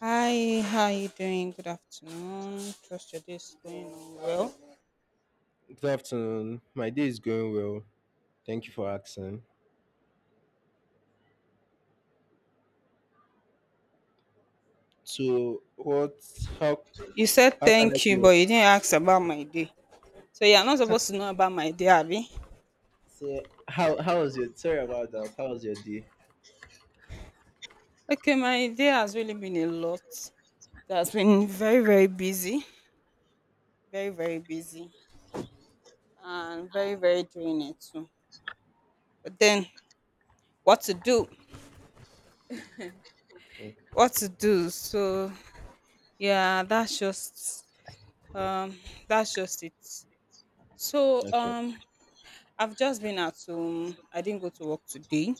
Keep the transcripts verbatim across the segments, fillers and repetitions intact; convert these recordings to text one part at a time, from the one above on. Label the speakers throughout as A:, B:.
A: Hi, how are you doing? Good afternoon. Trust your day is going on well.
B: Good afternoon. My day is going well. Thank you for asking. So, what? How?
A: You said
B: How can I help
A: thank you, but
B: you?
A: you didn't ask about my day. So you're not supposed to know about my day, Abby.
B: So how how was your sorry about that? How was your day?
A: Okay, my day has really been a lot. It has been very, very busy. Very, very busy. And very, very draining too. But then what to do?
B: Mm,
A: What to do? So yeah, that's just um that's just it. So
B: Okay.
A: um I've just been at home. I didn't go to work today.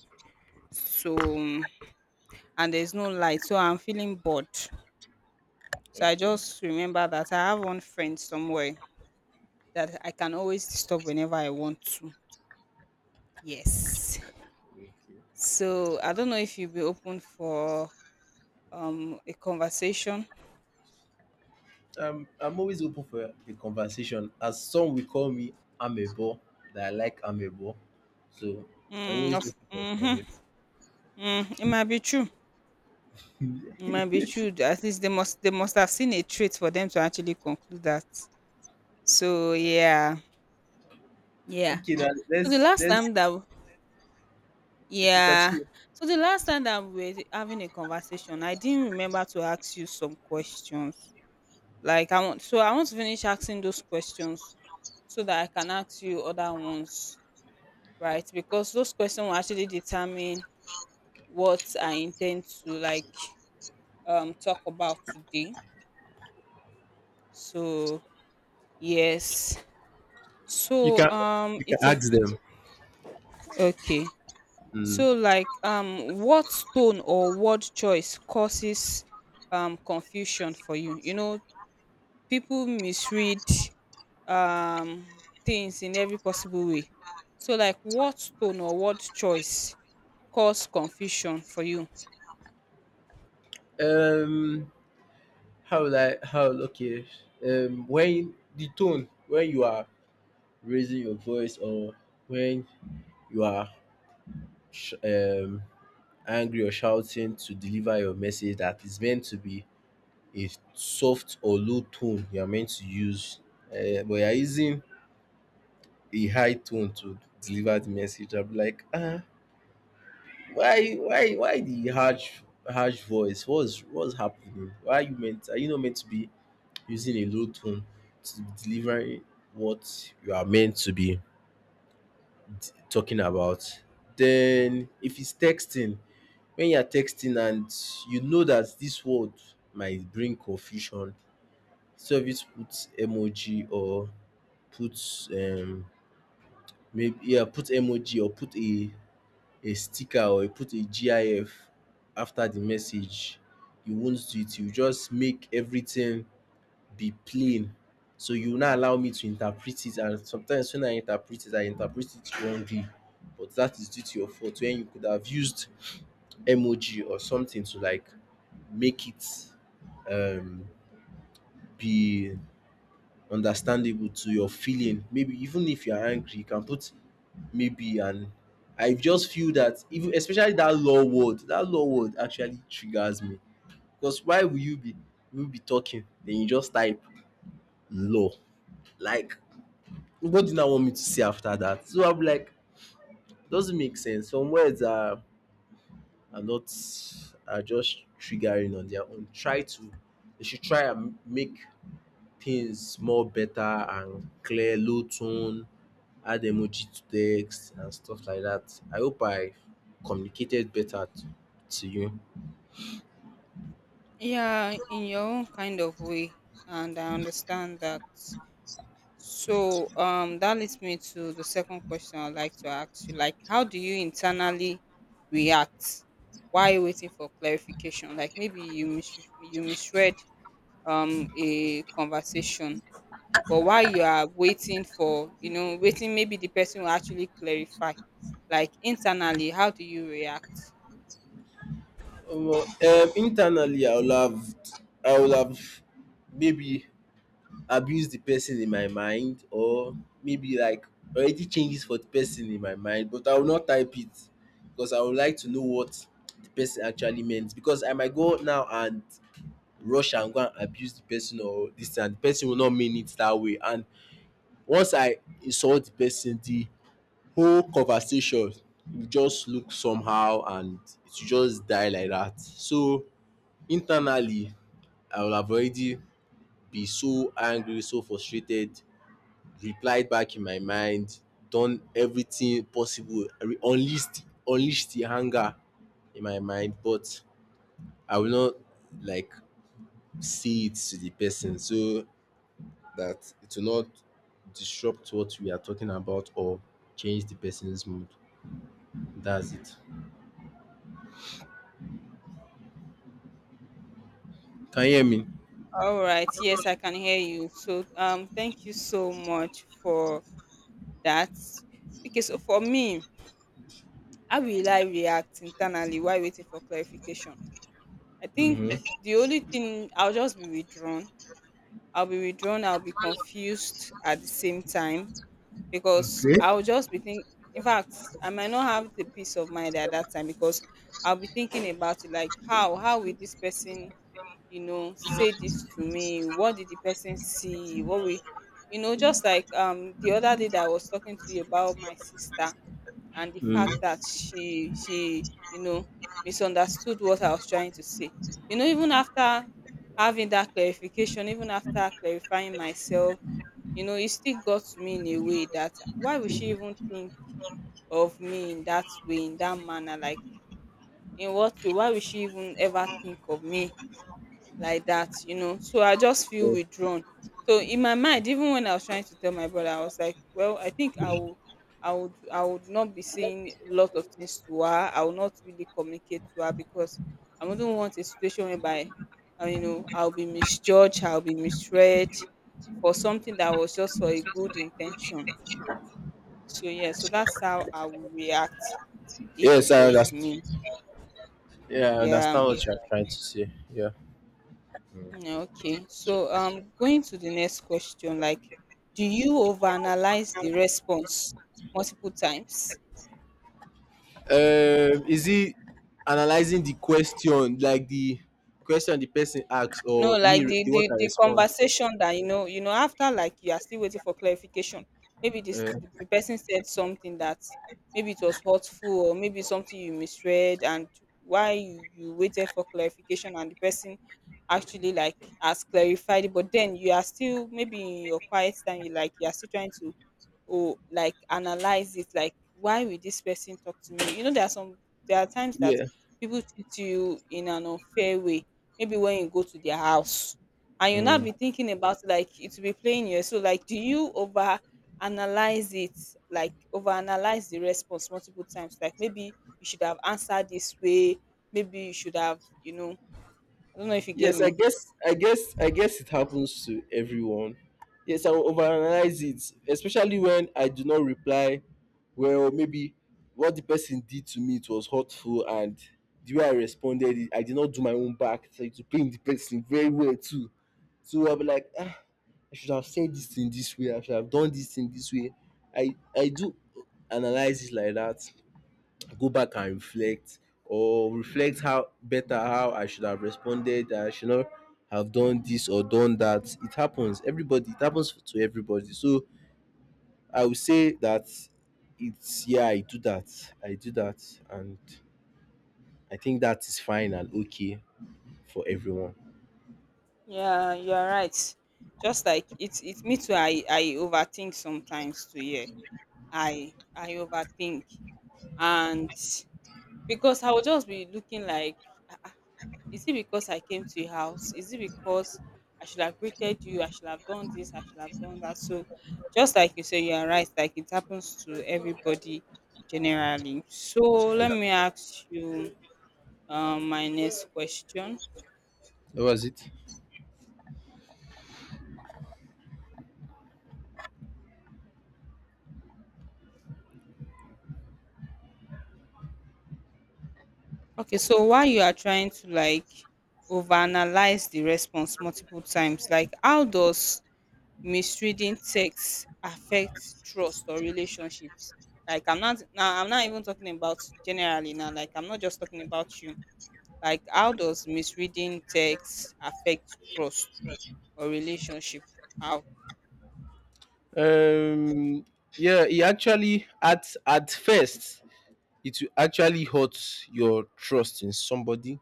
A: So um, and there's no light, so I'm feeling bored. So I
B: Okay.
A: just remember that I have one friend somewhere that I can always stop whenever I want to. Yes.
B: Okay.
A: So I don't know if you'll be open for um a conversation.
B: Um, I'm always open for a conversation. As some will call me amebo, that I like amebo. So I'm
A: Mm,
B: always
A: of
B: open for a conversation.
A: mm-hmm, mm, it might be true. It might be true. At least they must they must have seen a trait for them to actually conclude that. So yeah, yeah.
B: Okay, now
A: So the
B: let's
A: last
B: let's
A: time that
B: okay
A: Yeah.
B: continue.
A: So the last time that we were having a conversation, I didn't remember to ask you some questions. Like I want so I want to finish asking those questions so that I can ask you other ones, right? Because those questions will actually determine what I intend to like um talk about today. So yes.
B: You
A: So
B: can.
A: um
B: You can
A: it's a
B: ask them.
A: okay.
B: Mm.
A: So, like, um, what stone or word choice causes um confusion for you? You know, people misread um things in every possible way. So, like, what stone or word choice cause confusion for you?
B: Um, How like how okay. Um, when the tone, when you are raising your voice, or when you are sh- um angry or shouting to deliver your message that is meant to be a soft or low tone you are meant to use, uh, but you are using a high tone to deliver the message, I'm like, ah, why why why the harsh harsh voice? What's what's happening? Why are you meant, are you not meant to be using a low tone to deliver what you are meant to be talking about? Then if it's texting, when you are texting and you know that this word might bring confusion, service puts emoji or puts um maybe, yeah, put emoji or put a a sticker, or you put a GIF after the message, you won't do it. You just make everything be plain. So you will not allow me to interpret it, and sometimes when I interpret it, I interpret it wrongly. But that is due to your fault when you could have used emoji or something to like make it um be understandable to your feeling. Maybe even if you are angry, you can put maybe, and I just feel that even especially that law word, that law word actually triggers me. Because why will you be will be talking? Then you just type law. Like what do you now want me to say after that? So I'm like, doesn't make sense. Some words are are not are just triggering on their own. Try to they should try and make things more better and clear, low tone, add emoji to text and stuff like that. I hope I communicated better to, to you.
A: Yeah, in your own kind of way, and I understand that. So um, that leads me to the second question I'd like to ask you. Like, how do you internally react while you're waiting for clarification? Like, maybe you mis- you misread um a conversation, but while you are waiting for you know waiting, maybe the person will actually clarify. Like internally, how do you react?
B: Um, um, internally, I would have I would have maybe abuse the person in my mind, or maybe like already changes for the person in my mind, but I will not type it because I would like to know what the person actually meant, because I might go now and rush and go and abuse the person or this and the person will not mean it that way. And once I insult the person, the whole conversation will just look somehow and it will just die like that. So internally I will have already be so angry, so frustrated, replied back in my mind, done everything possible, re- unleashed unleashed the anger in my mind, but I will not like say it to the person so that it will not disrupt what we are talking about or change the person's mood. That's it. Can you hear me?
A: All right. Yes, I can hear you. So um, thank you so much for that. Okay, so for me, how will I react internally while waiting for clarification? I think
B: Mm-hmm.
A: the only thing I'll just be withdrawn. I'll be withdrawn. I'll be confused at the same time because
B: Okay.
A: I'll just be thinking. In fact, I might not have the peace of mind at that time because I'll be thinking about it like how how will this person, you know, say this to me? What did the person see? What we you know just like um the other day that I was talking to you about my sister and the
B: Mm.
A: fact that she she you know misunderstood what I was trying to say. You know, even after having that clarification, even after clarifying myself, you know, it still got to me in a way that why would she even think of me in that way, in that manner? Like in what way? Why would she even ever think of me like that, you know. So I just feel withdrawn. So in my mind, even when I was trying to tell my brother, I was like, well, I think I will I would I would not be saying a lot of things to her. I will not really communicate to her because I wouldn't want a situation whereby uh, you know, I'll be misjudged, I'll be misread for something that was just for a good intention. So yeah, so that's how I would react if
B: Yes,
A: it
B: I
A: was
B: understand.
A: me.
B: Yeah, I
A: Yeah.
B: understand what you're trying to say. Yeah.
A: Mm, okay, so um, going to the next question, like, do you overanalyze the response multiple times?
B: Um, is it analyzing the question, like the question the person asks,
A: No,
B: or me,
A: like
B: re-
A: the
B: the what
A: the
B: I
A: the
B: respond?
A: conversation that, you know, you know, after like you are still waiting for clarification. Maybe this
B: Uh,
A: the the person said something that maybe it was hurtful or maybe something you misread, and why you you waited for clarification and the person actually like has clarified it, but then you are still maybe in your quiet time, you like you are still trying to, or like analyze it like why will this person talk to me. You know, there are some there are times that
B: yeah.
A: people treat you in an unfair way maybe when you go to their house and you will now
B: Mm.
A: be thinking about it, like it will be playing you. So like do you over analyze it, like over analyze the response multiple times, like maybe you should have answered this way, maybe you should have, you know, I don't know if you get
B: Yes, I
A: me.
B: guess, I guess, I guess it happens to everyone. Yes, I will overanalyze it, especially when I do not reply well. Maybe what the person did to me, it was hurtful, and the way I responded, I did not do my own back. So to blame the person very well too. So I'll be like, ah, I should have said this in this way. I should have done this in this way. I I do analyze it like that. Go back and reflect, or reflect how better how I should have responded. That I should not have done this or done that. It happens. Everybody. It happens to everybody. So I would say that it's yeah. I do that. I do that, and I think that is fine and okay for everyone.
A: Yeah, you're right. Just like it's it's me too, i i overthink sometimes too. Yeah, I I overthink, and because I will just be looking like, "Ah, ah, is it because I came to your house? Is it because I should have greeted you? I should have done this, I should have done that." So just like you say, you are right, like it happens to everybody generally. So let
B: Yeah.
A: me ask you um my next question.
B: That was it.
A: Okay, so while you are trying to like overanalyze the response multiple times, like how does misreading text affects trust or relationships. Like I'm not now I'm not even talking about generally now, like I'm not just talking about you. Like how does misreading text affect trust or relationship? How?
B: Um. Yeah. He actually at at first it will actually hurt your trust in somebody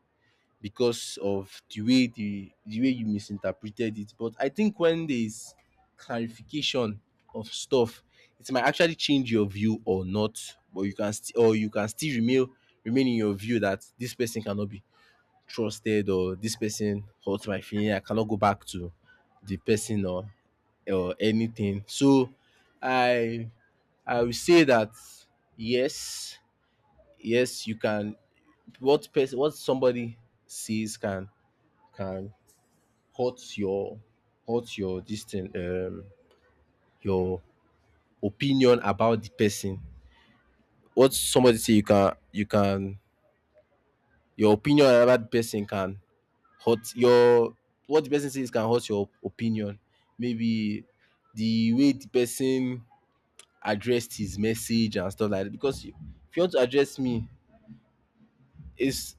B: because of the way the the way you misinterpreted it. But I think when there's clarification of stuff, it might actually change your view or not. But you can still, or you can still remain, remain in your view that this person cannot be trusted or this person hurts my feeling. I cannot go back to the person or or anything. So I I will say that yes, yes, you can what person, what somebody sees can can hurt your hurt your this thing um your opinion about the person. What somebody say, you can you can, your opinion about the person can hurt your, what the person says can hurt your opinion, maybe the way the person addressed his message and stuff like that. Because if you want to address me, it's,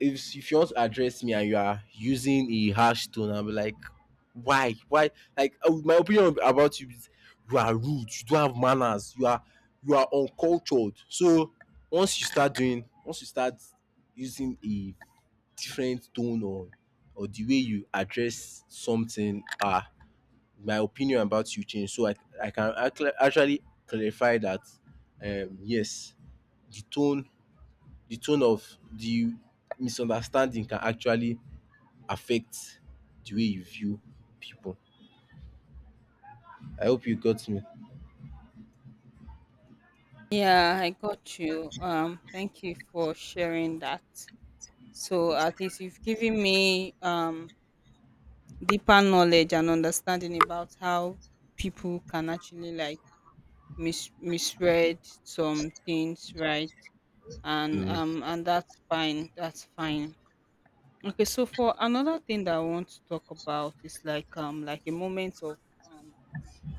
B: if if you want to address me and you are using a harsh tone, I'll be like, why, why? Like uh, my opinion about you is you are rude, you don't have manners, you are you are uncultured. So once you start doing, once you start using a different tone or or the way you address something, ah, my opinion about you change. So I I can actu- actually clarify that, um, yes, the tone the tone of the misunderstanding can actually affect the way you view people. I hope you got me.
A: Yeah, I got you. Um thank you for sharing that. So at least you've given me um deeper knowledge and understanding about how people can actually like mis misread some things, right? And
B: Mm.
A: um and that's fine, that's fine. Okay, so for another thing that I want to talk about is like um like a moment of um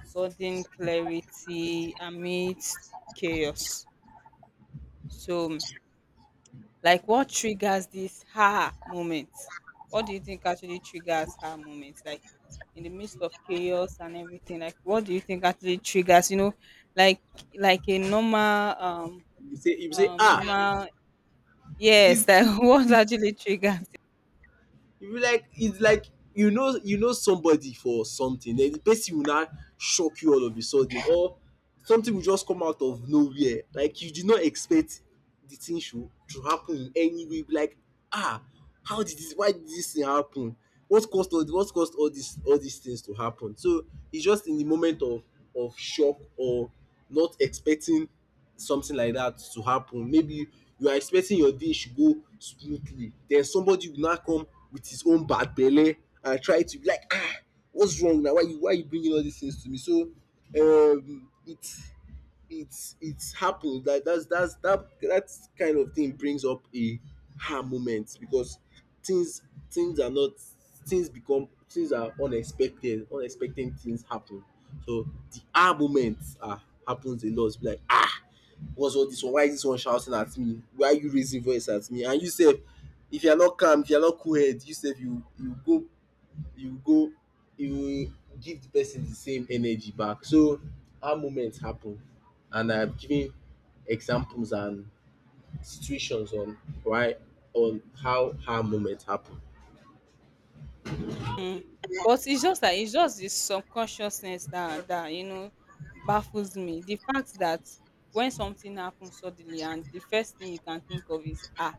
A: sudden clarity amidst chaos. So like what triggers this ha moment? What do you think actually triggers ha moments like in the midst of chaos and everything? Like what do you think actually triggers, you know, like like a normal um
B: you say you say
A: um
B: ah,
A: normal,
B: this,
A: yes, like what actually triggers?
B: you be like, it's like, you know, you know somebody for something, then the person will now shock you all of a sudden, or something will just come out of nowhere, like you did not expect the thing should to happen in any way, be like, ah, how did this, why did this thing happen, what caused all what caused all this, all these things to happen? So it's just in the moment of of shock or not expecting something like that to happen. Maybe you are expecting your day should go smoothly, then somebody will now come with his own bad belly, and try to be like, ah, what's wrong now, why you, why you bringing all these things to me? So um it's it's it's happened that that's that's that that kind of thing brings up a ha moment, because things, things are not, things become, things are unexpected, unexpected things happen. So the ah moments, ah, happens a lot. It's like, ah, what's all this one, why is this one shouting at me, why are you raising voice at me? And you say, if you are not calm, if you are not cool head, you say, you you go you go you give the person the same energy back. So how moments happen, and I have given examples and situations on why, on how how moment happen.
A: But it's just that it's just the subconsciousness that that, you know, baffles me. The fact that when something happens suddenly and the first thing you can think of is, "Ah!"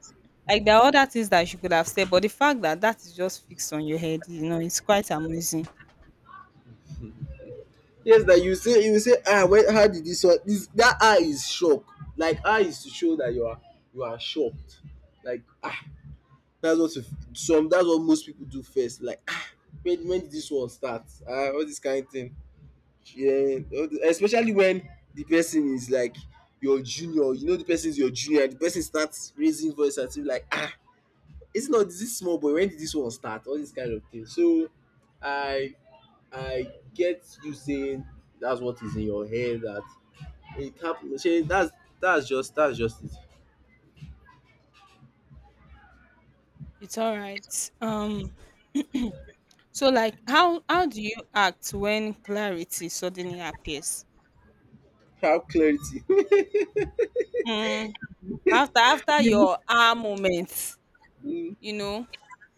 A: Like, there are other things that you could have said, but the fact that that is just fixed on your head, you know, it's quite amazing.
B: Yes, that you say you say ah, when how did this one, this that, ah is shock. Like ah is to show that you are you are shocked, like ah. That's what if some, that's what most people do first. Like ah, when when did this one start? Ah, all this kind of thing. Yeah, all the- especially when the person is like your junior. You know the person is your junior. The person starts raising voice at you, like ah, it's not this small boy. When did this one start? All this kind of thing. So I I get you saying that's what is in your head, that it happen. Shey, That's that's just that's just it.
A: It's all right. Um, so, like, how how do you act when clarity suddenly appears?
B: Have clarity.
A: Mm, after after your ah moment,
B: Mm,
A: you know?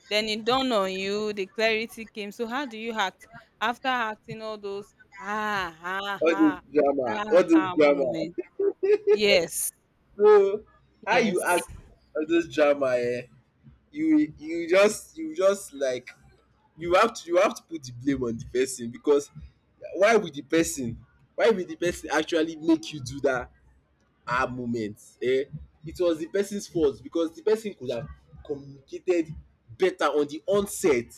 A: Then it dawned on you, the clarity came. So how do you act after acting all those "ah, ah,
B: all this
A: ah,
B: drama,
A: ah,
B: all this
A: ah"
B: drama.
A: moment? Yes,
B: So how you act
A: yes.
B: all those drama, um you you just you just like you have to, you have to put the blame on the person, because why would the person, why will the person actually make you do dat her moment, eh, it was the person's fault because the person could have communicated better on the onset.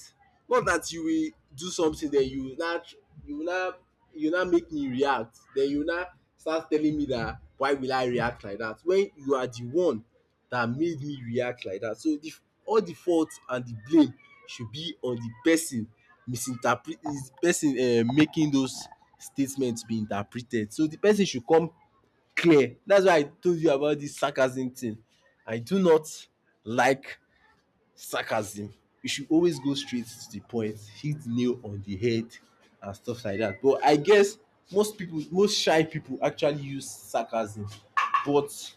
B: Not that you will do something, then you now tr- you now, you now make me react, then you now start telling me that why will I react like that, when you are the one that made me react like that. So the f- all the fault and the blame should be on the person. Misinterpret is the person um making those statements be interpreted. So the person should come clear. That's why I told you about this sarcasm thing. I do not like sarcasm. You should always go straight to the point, hit the nail on the head, and stuff like that. But I guess most people, most shy people, actually use sarcasm. But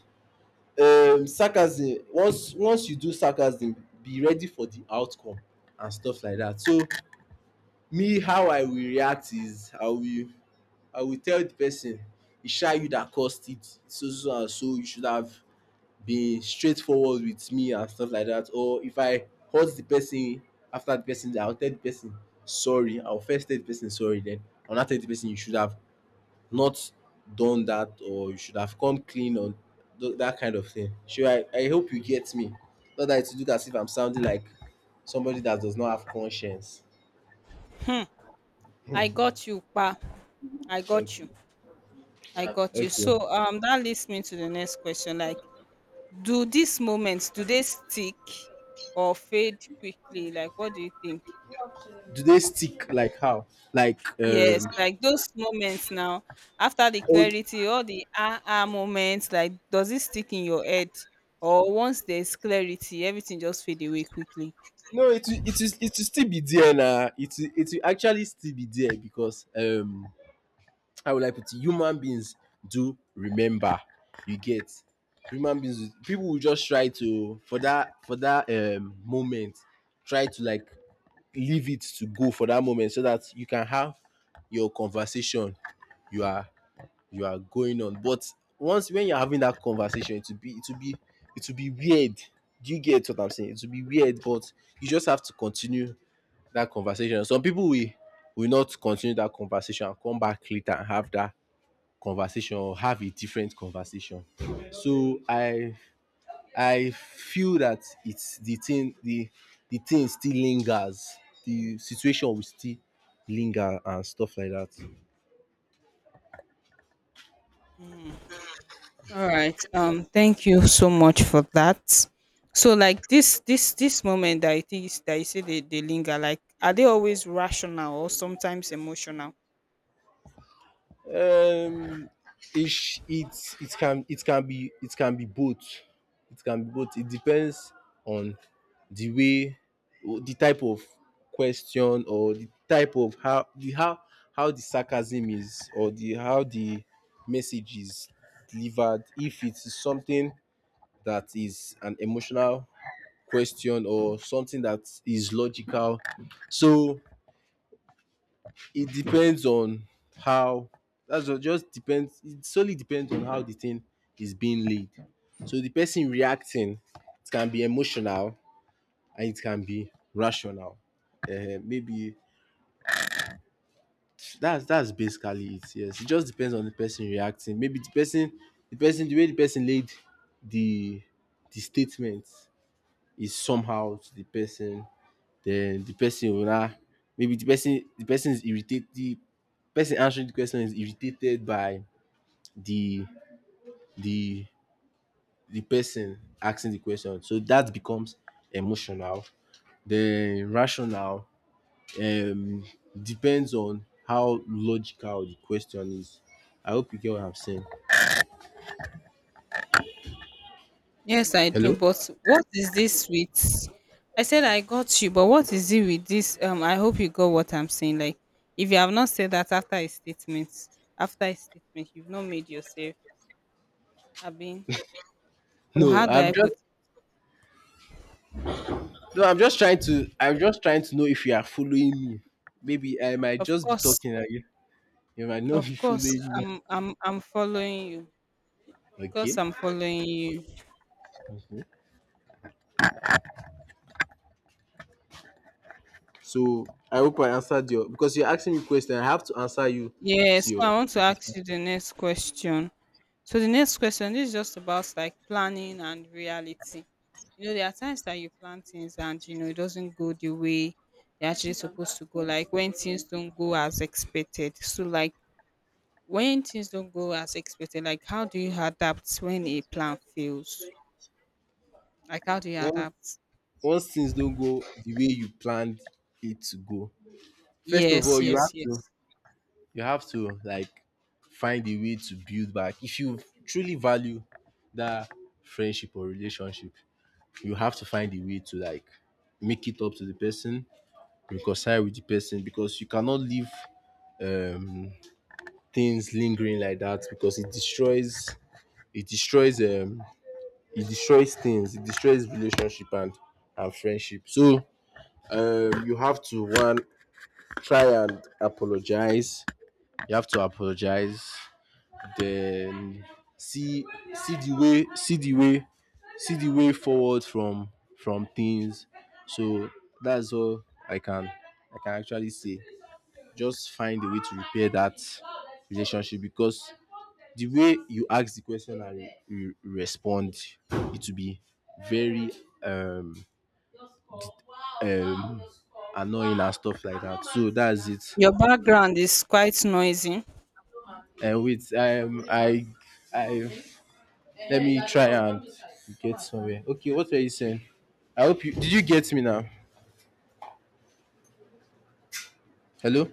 B: um, sarcasm, once once you do sarcasm, be ready for the outcome and stuff like that. So me, how I will react is I will I will tell the person, it's shy you that caused it, so so and so. You should have be straightforward with me and stuff like that, or if I hurt the person after the person I will tell the person sorry. I will first tell the person sorry, then I will now tell the person you should have not done that or you should have come clean on th- that kind of thing. Sure, I, I hope you get me, not that it look as if I'm sounding like somebody that does not have conscience.
A: Hmm. I got you, pa. I got you.
B: Okay.
A: I got you.
B: Okay,
A: So um, that leads me to the next question. Like, do these moments do they stick or fade quickly? Like, what do you think?
B: do they stick like how, like
A: Yes,
B: um
A: like those moments now, after the
B: oh,
A: clarity, all the ah ah moments, like does it stick in your head? Or once there's clarity, everything just fade away quickly.
B: no, it will- it is it will still be there now. It will- it will actually still be there because um how would I put it? Human beings do remember. You get human beings. People will just try to for that for that um moment try to like leave it to go for that moment so that you can have your conversation. You are you are going on, but once when you're having that conversation, it will be it will be it will be weird. Do you get what I'm saying? It will be weird, but you just have to continue that conversation. Some people will will not continue that conversation and come back later and have that conversation or have a different conversation. So I I feel that it's the thing the the thing still lingers. The situation will still linger and stuff like that.
A: All right. Um, thank you so much for that. So like this this this moment that it is that you say they, they linger, like are they always rational or sometimes emotional?
B: Um, it it it can it can be it can be both. It can be both. It depends on the way, the type of question or the type of how the how how the sarcasm is or the how the message is delivered. If it is something that is an emotional question or something that is logical, so it depends on how, that's all just depends, it solely depends on how the thing is being laid. So the person reacting, it can be emotional and it can be rational. Eh, maybe that's that's basically it. Yes, it just depends on the person reacting. Maybe the person the person the way the person laid the the statement is somehow to the person, then the person will now, maybe the person the person is irritated, the person answering the question is irritated by the the the person asking the question. So that becomes emotional. Then rational um depends on how logical the question is. I hope you get what I'm saying.
A: Yes, I do.
B: Hello?
A: But what is this with? I said I got you, but what is it with this? Um, I hope you got what I'm saying. Like, if you have not said that after a statement, after a statement, you've not made yourself. I mean, or
B: No,
A: how do I
B: I'm
A: put?
B: just
A: It?
B: no, I'm just trying to, I'm just trying to know if you are following me. Maybe I might
A: Of
B: just be
A: course,
B: talking at you. You might not be
A: of course,
B: following me.
A: I'm, I'm, I'm following you. Of course,
B: Okay.
A: I'm following you.
B: Mhm. So I hope I answered your, because you're asking me question, I have to answer you
A: Yes,
B: to your
A: so I want to ask
B: satisfaction.
A: you the next question. So the next question this is just about like planning and reality. You know, there are times that you plan things and you know it doesn't go the way they're actually supposed to go. Like when things don't go as expected. So like when things don't go as expected, like how do you adapt when a plan fails? Like how do you adapt?
B: Once things don't go the way you planned it to go, first of
A: Yes,
B: all, you
A: yes,
B: have to
A: yes.
B: you have to like find a way to build back. If you truly value that friendship or relationship, you have to find a way to like make it up to the person, reconcile with the person, because you cannot leave um things lingering like that, because it destroys it destroys um it destroys things, it destroys relationship and and friendship. So um you have to one try and apologize, you have to apologize, then see, see the way see the way see the way forward from from things. So that's all i can I can actually say. Just find a way to repair that relationship, because the way you ask the question and you- respond, it will be very um um annoying and stuff like that. So that's it.
A: Your background is quite noisy.
B: Uh, wait, um, I, I, let me try and get somewhere. Okay, what were you saying? I hope you did. You get me now? Hello.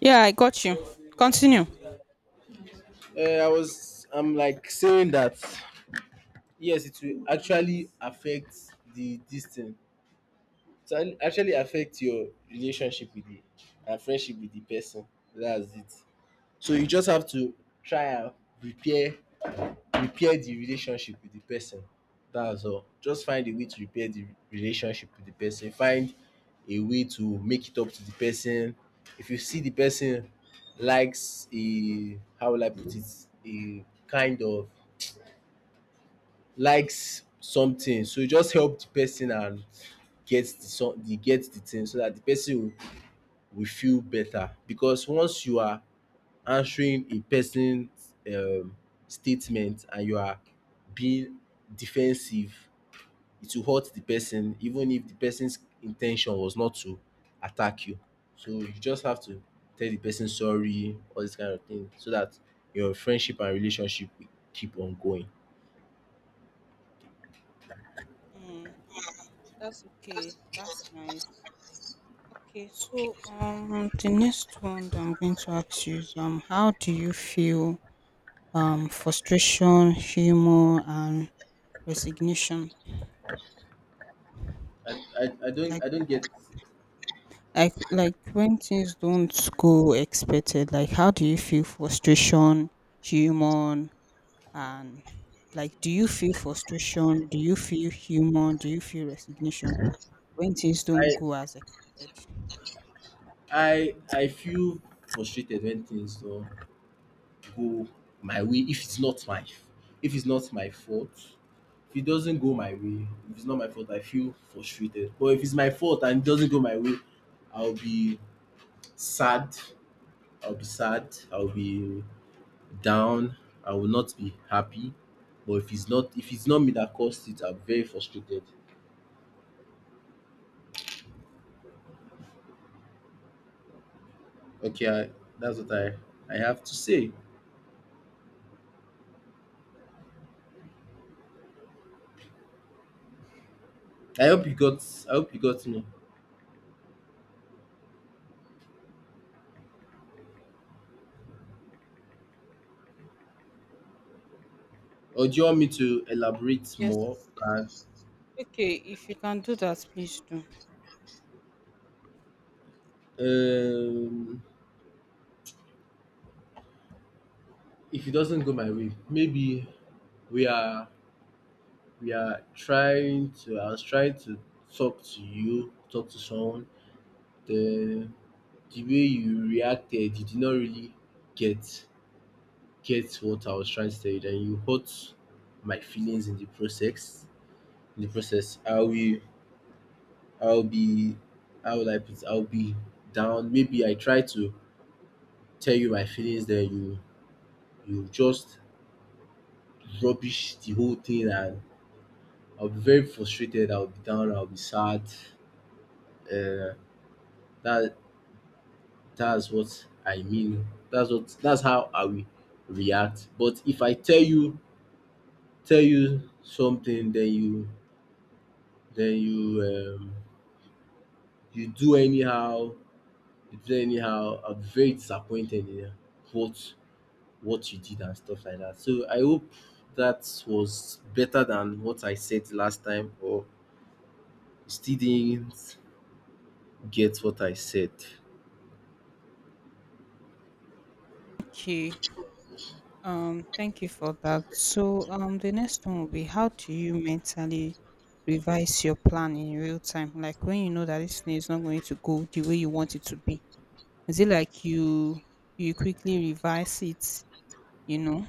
A: Yeah, I got you. Continue.
B: Uh, I was. I'm like saying that. Yes, it will actually affect the distance. It will actually affect your relationship with the and friendship with the person. That's it. So you just have to try and repair, repair the relationship with the person. That's all, just find a way to repair the relationship with the person, find a way to make it up to the person. If you see the person likes a, how will I put it, a kind of likes something, so you just help the person and get the some get the thing so that the person will will feel better. Because once you are answering a person's um, statement and you are being defensive, it will hurt the person, even if the person's intention was not to attack you. So you just have to tell the person sorry, all this kind of thing, so that your friendship and relationship will keep on going.
A: Mm, that's okay. That's nice. Okay, so um, the next one that I'm going to ask you is um, how do you feel um frustration, humor, and resignation?
B: I, I, I don't,
A: Like,
B: I don't get.
A: like, like when things don't go expected. Like, how do you feel frustration, humor, and, like, do you feel frustration? Do you feel humor? Do you feel resignation when things don't
B: I
A: go as expected?
B: I I feel frustrated when things don't go my way, if it's not my, if it's not my fault. If it doesn't go my way, if it's not my fault, I feel frustrated. But if it's my fault and it doesn't go my way, I'll be sad. I'll be sad, I'll be down, I will not be happy. But if it's not, if it's not me that caused it, I'm very frustrated. Okay, I, that's what i I have to say. I hope you got, I hope you got me. Or do you want me to elaborate more
A: Yes.
B: and
A: Okay, if you can do that, please do.
B: um if it doesn't go my way, maybe we are we are trying to, i was trying to talk to you, talk to someone. the the way you reacted, you did not really get get what I was trying to tell you, then you hurt my feelings in the process. In the process I will be, I'll be, how will I put it? I'll be down. Maybe I try to tell you my feelings, then you you just rubbish the whole thing and I'll be very frustrated. I'll be down. I'll be sad. Uh, that that's what I mean. That's what that's how I will react. But if I tell you tell you something, then you then you um, you do anyhow. You do anyhow. I'll be very disappointed in what what you did and stuff like that. So I hope that was better than what I said last time, or you still didn't get what I said.
A: Okay. Um, thank you for that. So, um, the next one will be how do you mentally revise your plan in real time? Like when you know that this thing is not going to go the way you want it to be. Is it like you you quickly revise it, you know,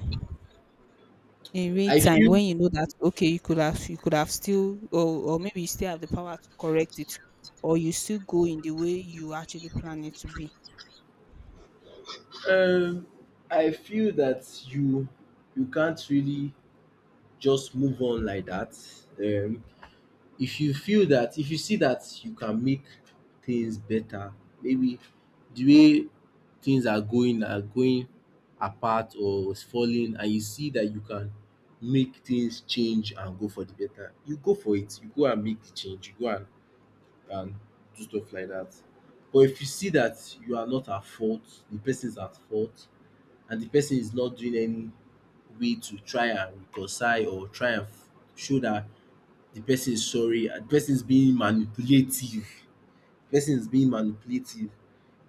A: in real
B: I
A: time
B: feel
A: when you know that okay, you could have you could have still, or or maybe you still have the power to correct it, or you still go in the way you actually plan it to be.
B: Um, I feel that you you can't really just move on like that. Um, if you feel that, if you see that you can make things better, maybe the way things are going are going apart or is falling, and you see that you can make things change and go for the better, you go for it. You go and make the change. You go and and do stuff like that. But if you see that you are not at fault, the person is at fault, and the person is not doing any way to try and reconcile or try and f- show that the person is sorry, and the person is being manipulative, person is being manipulative,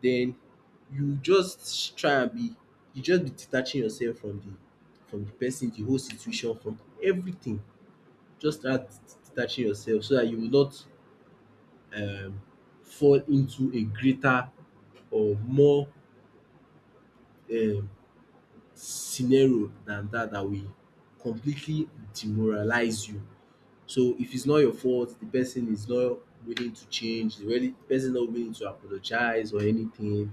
B: then you just try and be you just be detaching yourself from the from the person, the whole situation, from everything. Just start detaching yourself so that you will not um fall into a greater or more um scenario than that that will completely demoralize you. So if it's not your fault, the person is not willing to change, the really the person not willing to apologize or anything,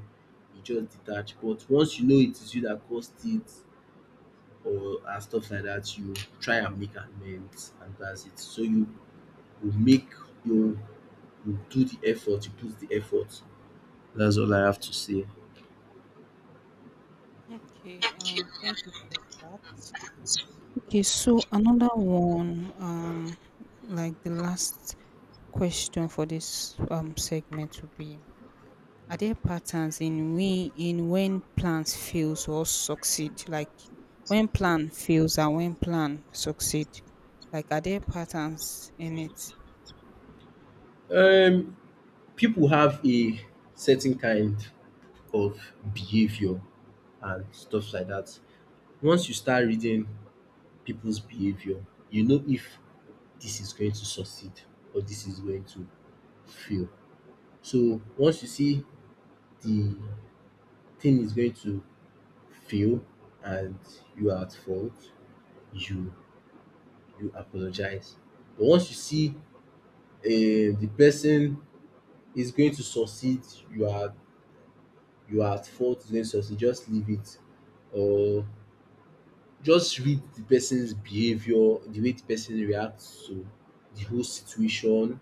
B: you just detach. But once you know it is you that caused it or and stuff like that, you try and make amends and dats it. So you you make, you you do the effort, you put the effort. That's all I have to say.
A: Okay, um, thank you for that. Okay, so another one, um, like the last question for this um segment would be: are there patterns in we in when plans fails or succeed? Like when plan fails and when plan succeed? Like are there patterns in it?
B: Um people have a certain kind of behaviour and stuff like that. Once you start reading people's behavior, you know if this is going to succeed or this is going to fail. So once you see the thing is going to fail and you are at fault, you you apologize. But once you see um the person is going to succeed, you are you are at fault, is going to succeed, just leave it or, just read the person's behavior, the way the person reacts to the whole situation.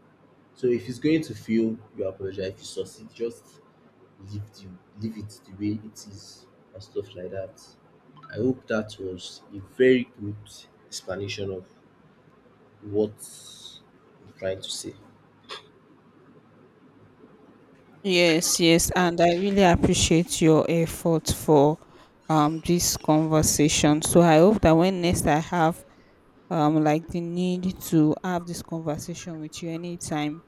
B: So if he's going to fail, you apologize. If you succeed, just leave the, leave it the way it is and stuff like that. I hope that was a very good explanation of what I'm trying to say.
A: Yes, yes, and I really appreciate your effort for um this conversation. So I hope that when next I have um like the need to have this conversation with you anytime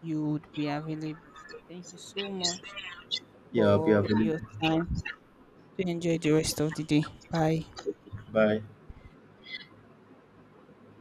A: you would be available. So thank you so much
B: Yeah, I'll be
A: for
B: available.
A: your time. Do enjoy the rest of the day. Bye.
B: Bye.